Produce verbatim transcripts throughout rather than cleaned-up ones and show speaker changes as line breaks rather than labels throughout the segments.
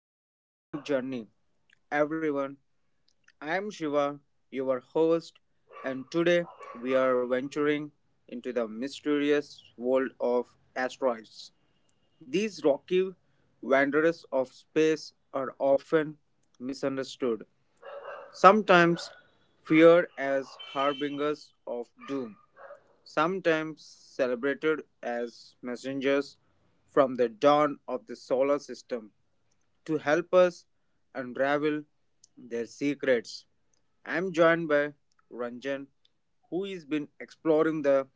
to our cosmic journey. Everyone, I am Shiva, your host, and today we are venturing into the mysterious world of asteroids. These rocky wanderers of space are often misunderstood, sometimes feared as harbingers of doom, sometimes celebrated as messengers from the dawn of the solar system to help us unravel their secrets. I'm joined by Ranjan, who has been exploring the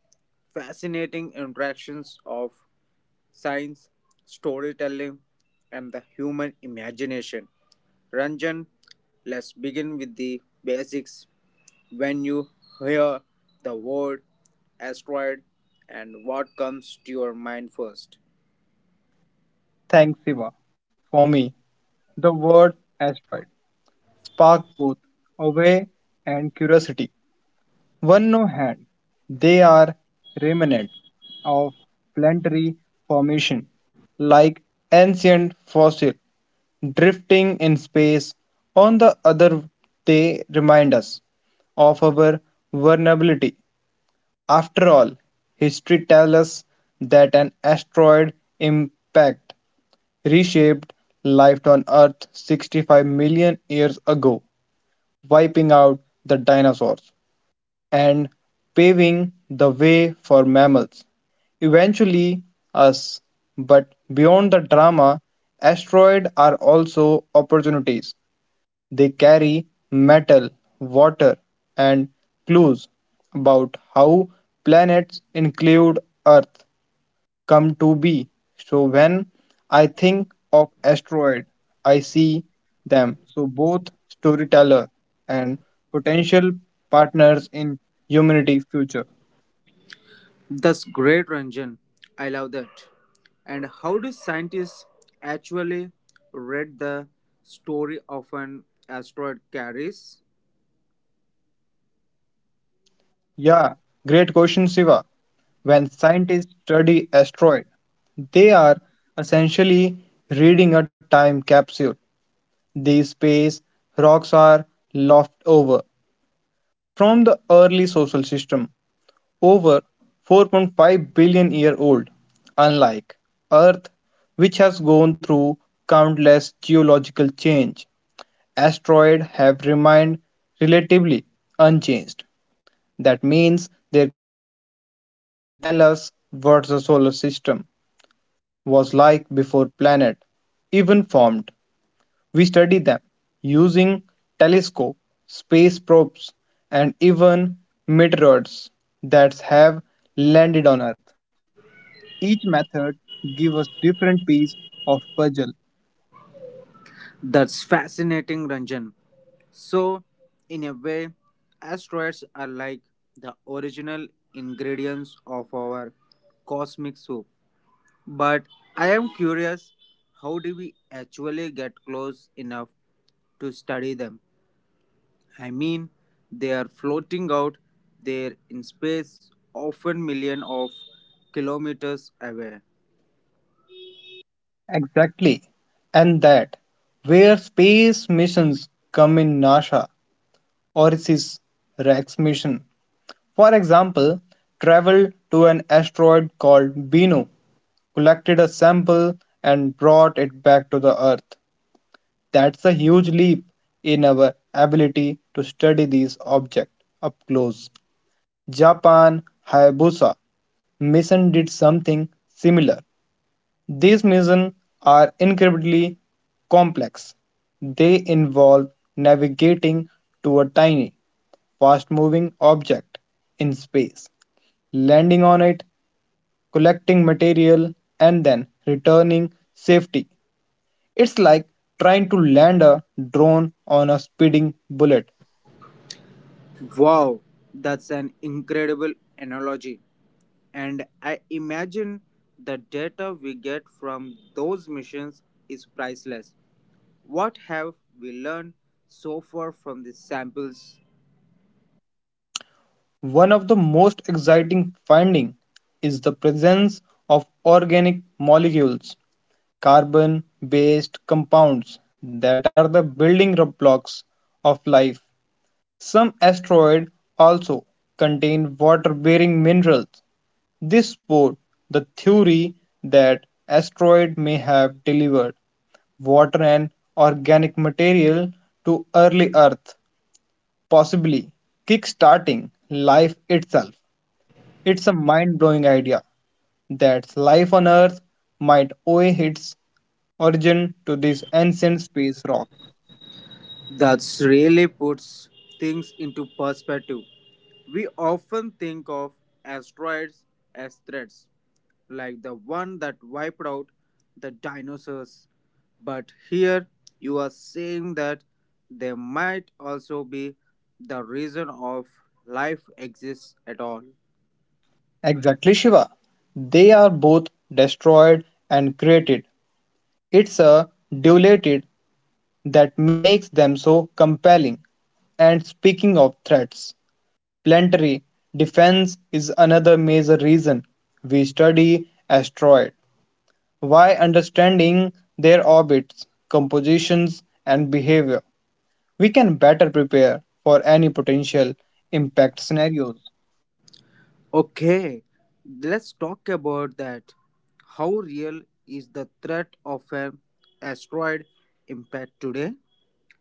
fascinating interactions of science, storytelling, and the human imagination. Ranjan, let's begin with the basics. When you hear the word asteroid, and what comes to your mind first?
Thanks, Siva. For me, the word asteroid spark both awe and curiosity. One no hand, they are remnants of planetary formation, like ancient fossil drifting in space. On the other, they remind us of our vulnerability. After all, history tells us that an asteroid impact reshaped life on Earth sixty-five million years ago, wiping out the dinosaurs and paving the way for mammals. Eventually, us. But beyond the drama, asteroids are also opportunities. They carry metal, water, and clues about how planets include Earth come to be. So when I think of asteroid, I see them. So both storyteller and potential partners in humanity future.
That's great, Ranjan. I love that. And how do scientists actually read the story of an asteroid carries?
Yeah, great question, Siva. When scientists study asteroid, they are essentially reading a time capsule. These space rocks are left over from the early social system over four point five billion year old, unlike Earth, which has gone through countless geological change. Asteroids have remained relatively unchanged. That means their composition can tell us what the solar system was like before planet even formed. We study them using telescope, space probes, and even meteoroids that have landed on Earth. Each method gives us different piece of puzzle.
That's fascinating, Ranjan. So, in a way, asteroids are like the original ingredients of our cosmic soup. But I am curious how do we actually get close enough to study them? I mean, they are floating out there in space, often millions of kilometers away.
Exactly. And that where space missions come in NASA Orisis Rex mission. For example, traveled to an asteroid called Bennu collected a sample and brought it back to the earth. That's a huge leap in our ability to study these objects up close. Japan Hayabusa mission did something similar. These missions are incredibly complex. They involve navigating to a tiny, fast moving object in space, landing on it, collecting material, and then returning safely. It's like trying to land a drone on a speeding bullet.
Wow, that's an incredible analogy. And I imagine the data we get from those missions is priceless. What have we learned so far from these samples?
One of the most exciting findings is the presence of organic molecules, carbon based compounds that are the building blocks of life. Some asteroids also contain water-bearing minerals. This supports the theory that asteroids may have delivered water and organic material to early Earth, possibly kick-starting life itself. It's a mind-blowing idea that life on Earth might owe its origin to this ancient space rock.
That really puts things into perspective. We often think of asteroids as threats, like the one that wiped out the dinosaurs. But here you are saying that there might also be the reason of life exists at all.
Exactly, Shiva. They are both destroyed and created. It's a duality that makes them so compelling. And speaking of threats, planetary defense is another major reason we study asteroids. Why understanding their orbits, compositions, and behavior, we can better prepare for any potential impact scenarios.
Okay, let's talk about that. How real is the threat of an asteroid impact today?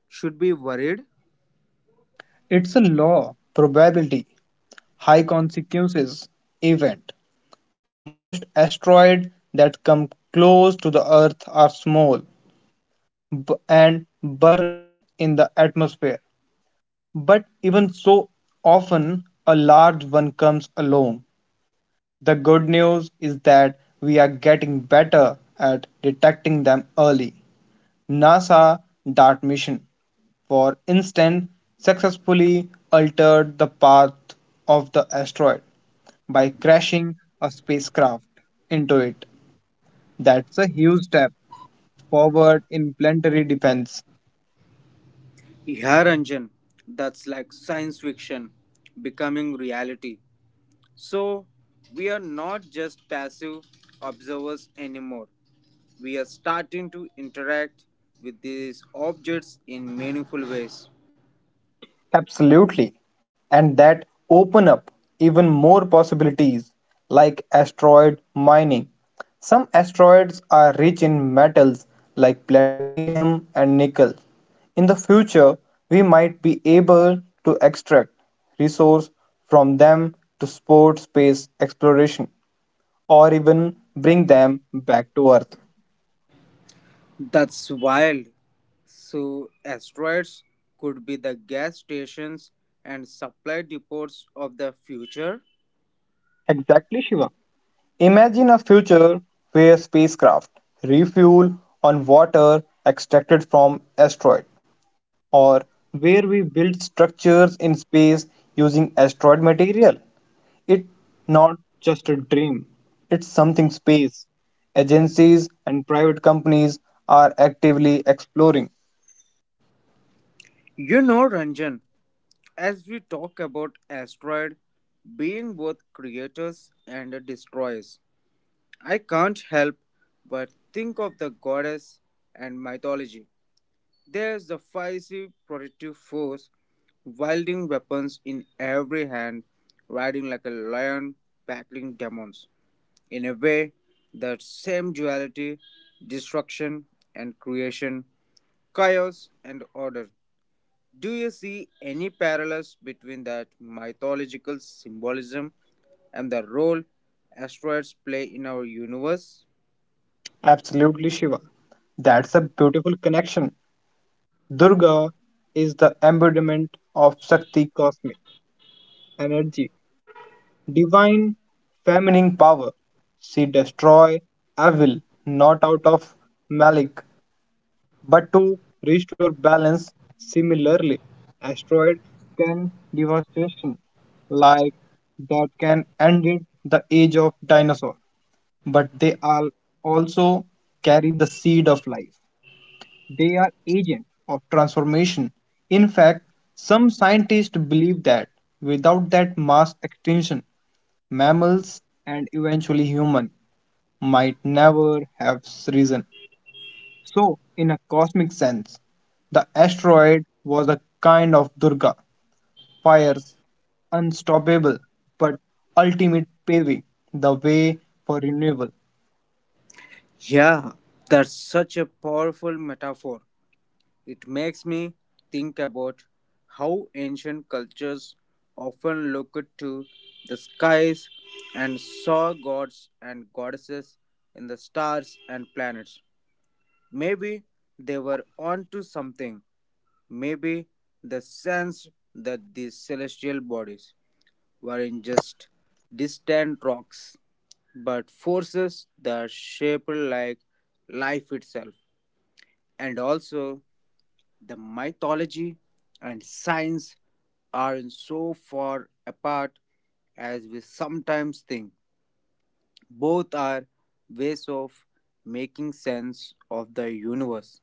Should be worried?
It's a law, probability, high consequences event. Most asteroids that come close to the Earth are small b- and burn up in the atmosphere. But even so often, a large one comes along. The good news is that we are getting better at detecting them early. NASA DART mission, for instance, successfully altered the path of the asteroid by crashing a spacecraft into it. That's a huge step forward in planetary defense.
Yeah, Ranjan, that's like science fiction becoming reality. So we are not just passive observers anymore. We are starting to interact with these objects in meaningful ways.
Absolutely. And that open up even more possibilities like asteroid mining. Some asteroids are rich in metals like platinum and nickel. In the future, we might be able to extract resource from them to support space exploration or even bring them back to Earth.
That's wild. So asteroids could be the gas stations and supply depots of the future.
Exactly, Shiva. Imagine a future where spacecraft refuel on water extracted from asteroid, or where we build structures in space using asteroid material. It's not just a dream, it's something space agencies and private companies are actively exploring.
You know, Ranjan, as we talk about asteroid being both creators and destroyers, I can't help but think of the goddess and mythology. There's the fiery protective force, wielding weapons in every hand, riding like a lion, battling demons. In a way, that same duality, destruction and creation, chaos and order. Do you see any parallels between that mythological symbolism and the role asteroids play in our universe?
Absolutely, Shiva. That's a beautiful connection. Durga is the embodiment of Shakti cosmic energy divine feminine power. She destroy evil not out of malice but to restore balance. Similarly, asteroid can devastation like that can end it the age of dinosaur, but they are also carry the seed of life. They are agent of transformation. In fact, some scientists believe that without that mass extinction, mammals, and eventually human might never have risen. So, in a cosmic sense, the asteroid was a kind of Durga, fire's unstoppable but ultimate paving the way for renewal.
Yeah, that's such a powerful metaphor. It makes me think about how ancient cultures often looked to the skies and saw gods and goddesses in the stars and planets. Maybe they were onto something. Maybe they sensed that these celestial bodies weren't just distant rocks, but forces that shaped like life itself. And also the mythology and science aren't so far apart as we sometimes think. Both are ways of making sense of the universe,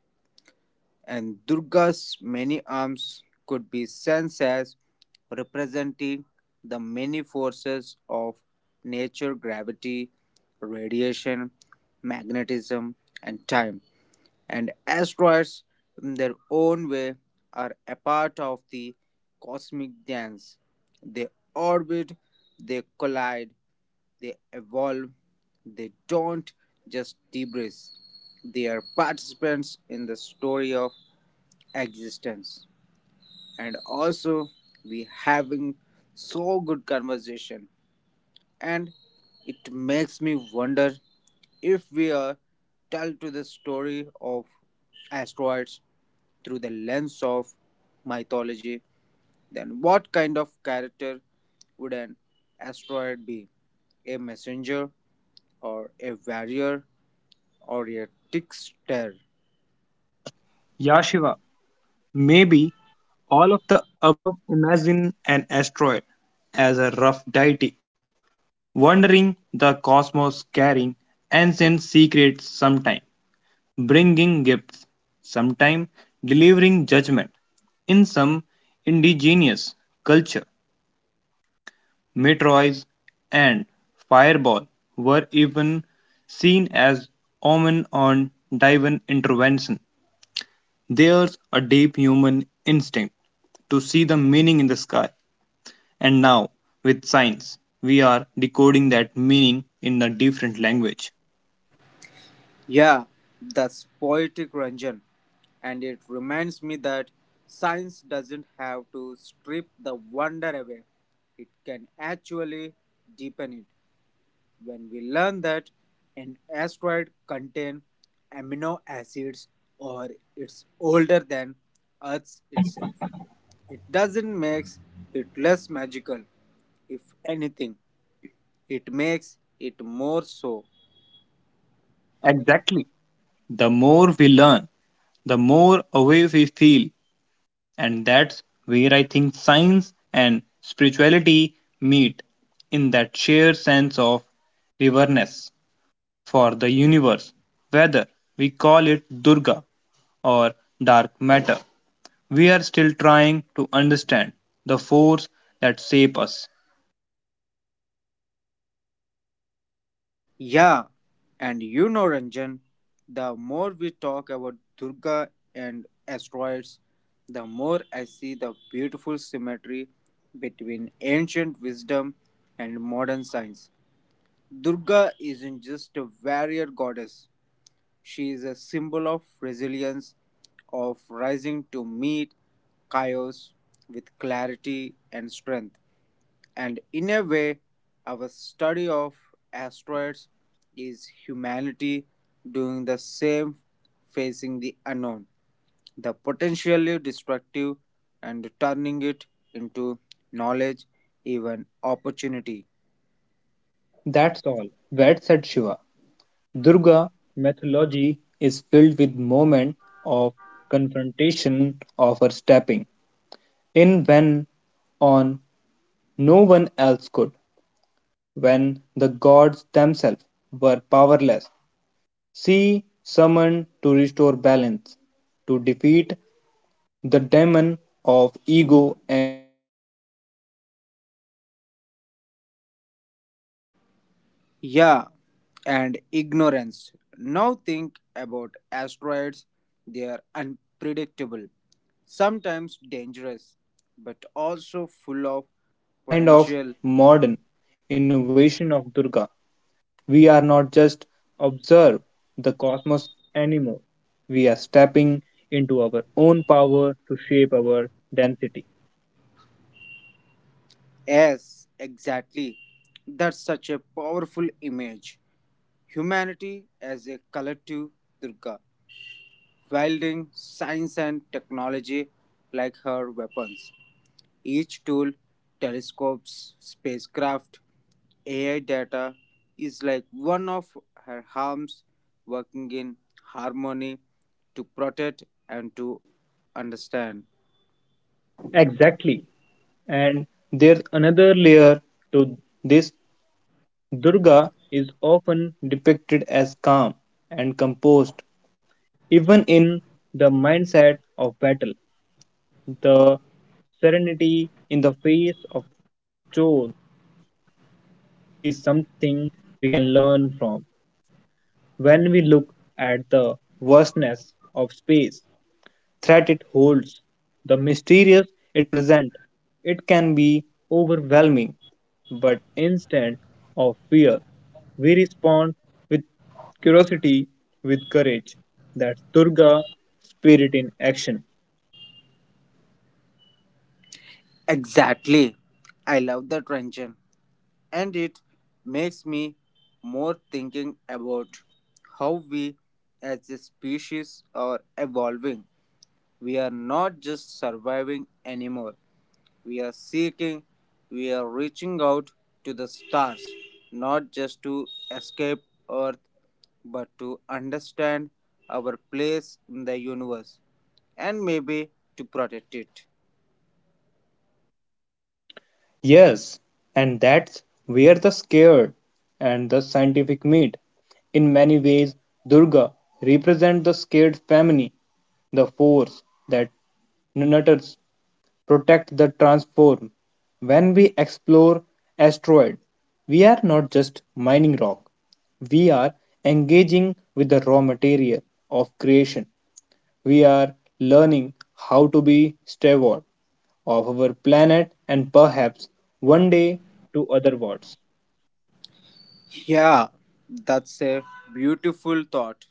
and Durga's many arms could be sensed as representing the many forces of nature, gravity, radiation, magnetism, and time, and asteroids, in their own way, are a part of the cosmic dance. They orbit, they collide, they evolve, they don't just debris. They are participants in the story of existence. And also, we having so good conversation, and it makes me wonder if we are tell to the story of asteroids through the lens of mythology, then what kind of character would an asteroid be? A messenger, or a warrior, or a trickster?
Ya Shiva, maybe all of the above imagine an asteroid as a rough deity, wandering the cosmos carrying ancient secrets sometime. Bringing gifts, sometimes delivering judgment. In some indigenous culture, meteors and fireball were even seen as omen on divine intervention. There's a deep human instinct to see the meaning in the sky. And now, with science, we are decoding that meaning in a different language.
Yeah, that's poetic Ranjan, and it reminds me that science doesn't have to strip the wonder away, it can actually deepen it. When we learn that an asteroid contains amino acids or it's older than Earth itself. It doesn't make it less magical. If anything, it makes it more so.
Exactly. The more we learn, the more away we feel. And that's where I think science and spirituality meet in that shared sense of reverence for the universe. Whether we call it Durga or dark matter, we are still trying to understand the force that shapes us.
Yeah, and you know, Ranjan, the more we talk about Durga and asteroids, the more I see the beautiful symmetry between ancient wisdom and modern science. Durga isn't just a warrior goddess, she is a symbol of resilience, of rising to meet chaos with clarity and strength. And in a way, our study of asteroids is humanity doing the same, facing the unknown, the potentially destructive, and turning it into knowledge, even opportunity.
That's all. Ved said Shiva. Durga mythology is filled with moments of confrontation of her stepping in when on no one else could. When the gods themselves were powerless, she summoned to restore balance, to defeat the demon of ego and ignorance.
Yeah, and ignorance.
Our
Now think
response to
about
them,
asteroids.
sending
They
mission,
are
learning from
unpredictable,
them,
sometimes
even
dangerous,
preparing to
but also
deflect them,
full of
is a kind of
potential.
modern innovation of Durga. We are not just observe the cosmos anymore. We are stepping into our own power to shape our density.
Yes, exactly. That's such a powerful image. Humanity as a collective Durga, wielding science and technology like her weapons. Each tool, telescopes, spacecraft, A I data is like one of her arms working in harmony to protect and to understand.
Exactly. And there's another layer to this. Durga is often depicted as calm and composed, even in the mindset of battle. The serenity in the face of chores is something we can learn from. When we look at the vastness of space, threat it holds, the mysterious it presents, it can be overwhelming. But instead of fear, we respond with curiosity, with courage. That's Durga spirit in action.
Exactly. I love that tension and it makes me more thinking about how we as a species are evolving. We are not just surviving anymore. We are seeking, we are reaching out to the stars, not just to escape Earth, but to understand our place in the universe and maybe to protect it.
Yes, and that's where the scared and the scientific meet. In many ways, Durga represents the scared family, the force that nurtures, protects, the transform. When we explore asteroid, we are not just mining rock. We are engaging with the raw material of creation. We are learning how to be steward of our planet and perhaps one day to other worlds.
Yeah, that's a beautiful thought.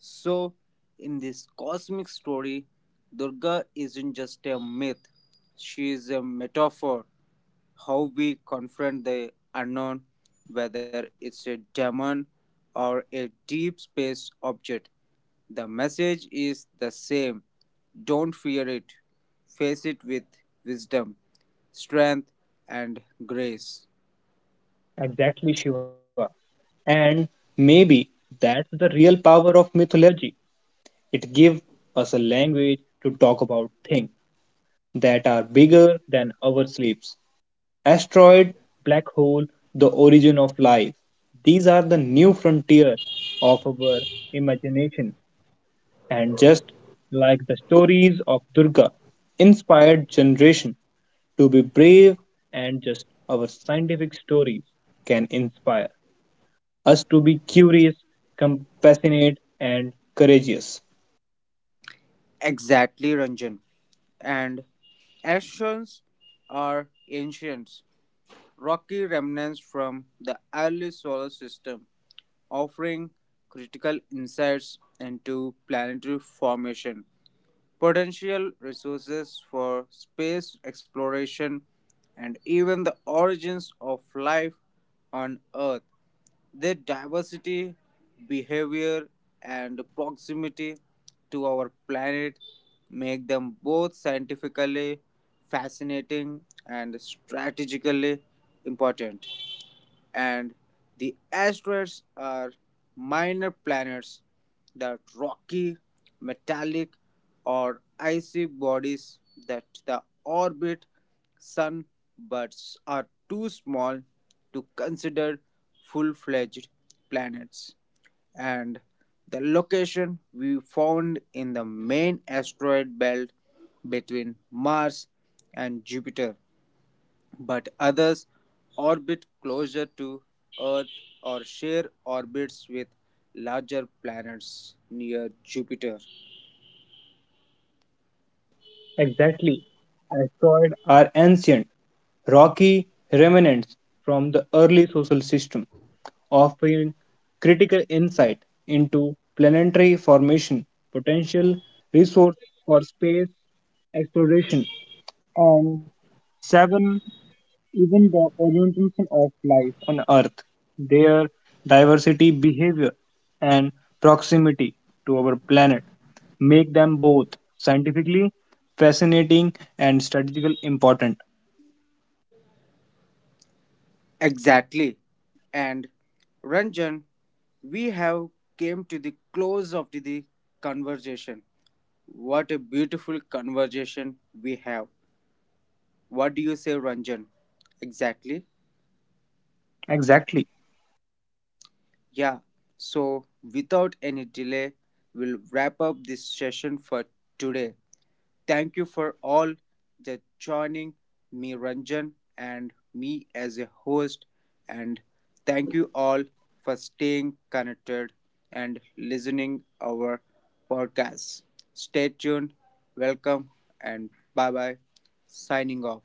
So, in this cosmic story, Durga isn't just a myth, she is a metaphor how we confront the unknown, whether it's a demon or a deep space object. The message is the same, don't fear it, face it with wisdom, strength, and grace.
Exactly, Shiva. And maybe that's the real power of mythology. It gives us a language to talk about things that are bigger than our sleeps. Asteroid, black hole, the origin of life. These are the new frontier of our imagination. And just like the stories of Durga, inspired generation to be brave and just our scientific stories can inspire us to be curious, compassionate and courageous.
Exactly, Ranjan. And Ashrams are ancient, rocky remnants from the early solar system, offering critical insights into planetary formation, potential resources for space exploration, and even the origins of life on Earth. Their diversity, behavior, and proximity to our planet make them both scientifically fascinating and strategically important, and the asteroids are minor planets that rocky, metallic, or icy bodies that the orbit sun but are too small to consider full-fledged planets, and the location we found in the main asteroid belt between Mars and Jupiter but others orbit closer to Earth or share orbits with larger planets near Jupiter.
Exactly. Asteroids are ancient, rocky remnants from the early social system, offering critical insight into planetary formation, potential resources for space exploration, and seven even the orientation of life on Earth, their diversity, behavior, and proximity to our planet make them both scientifically fascinating and strategically important.
Exactly. And Ranjan, we have came to the close of the, the conversation. What a beautiful conversation we have. What do you say, Ranjan? Exactly.
Exactly.
Yeah. So, without any delay, we'll wrap up this session for today. Thank you for all the joining me, Ranjan, and me as a host. And thank you all for staying connected and listening our podcast. Stay tuned. Welcome and bye bye. Signing off.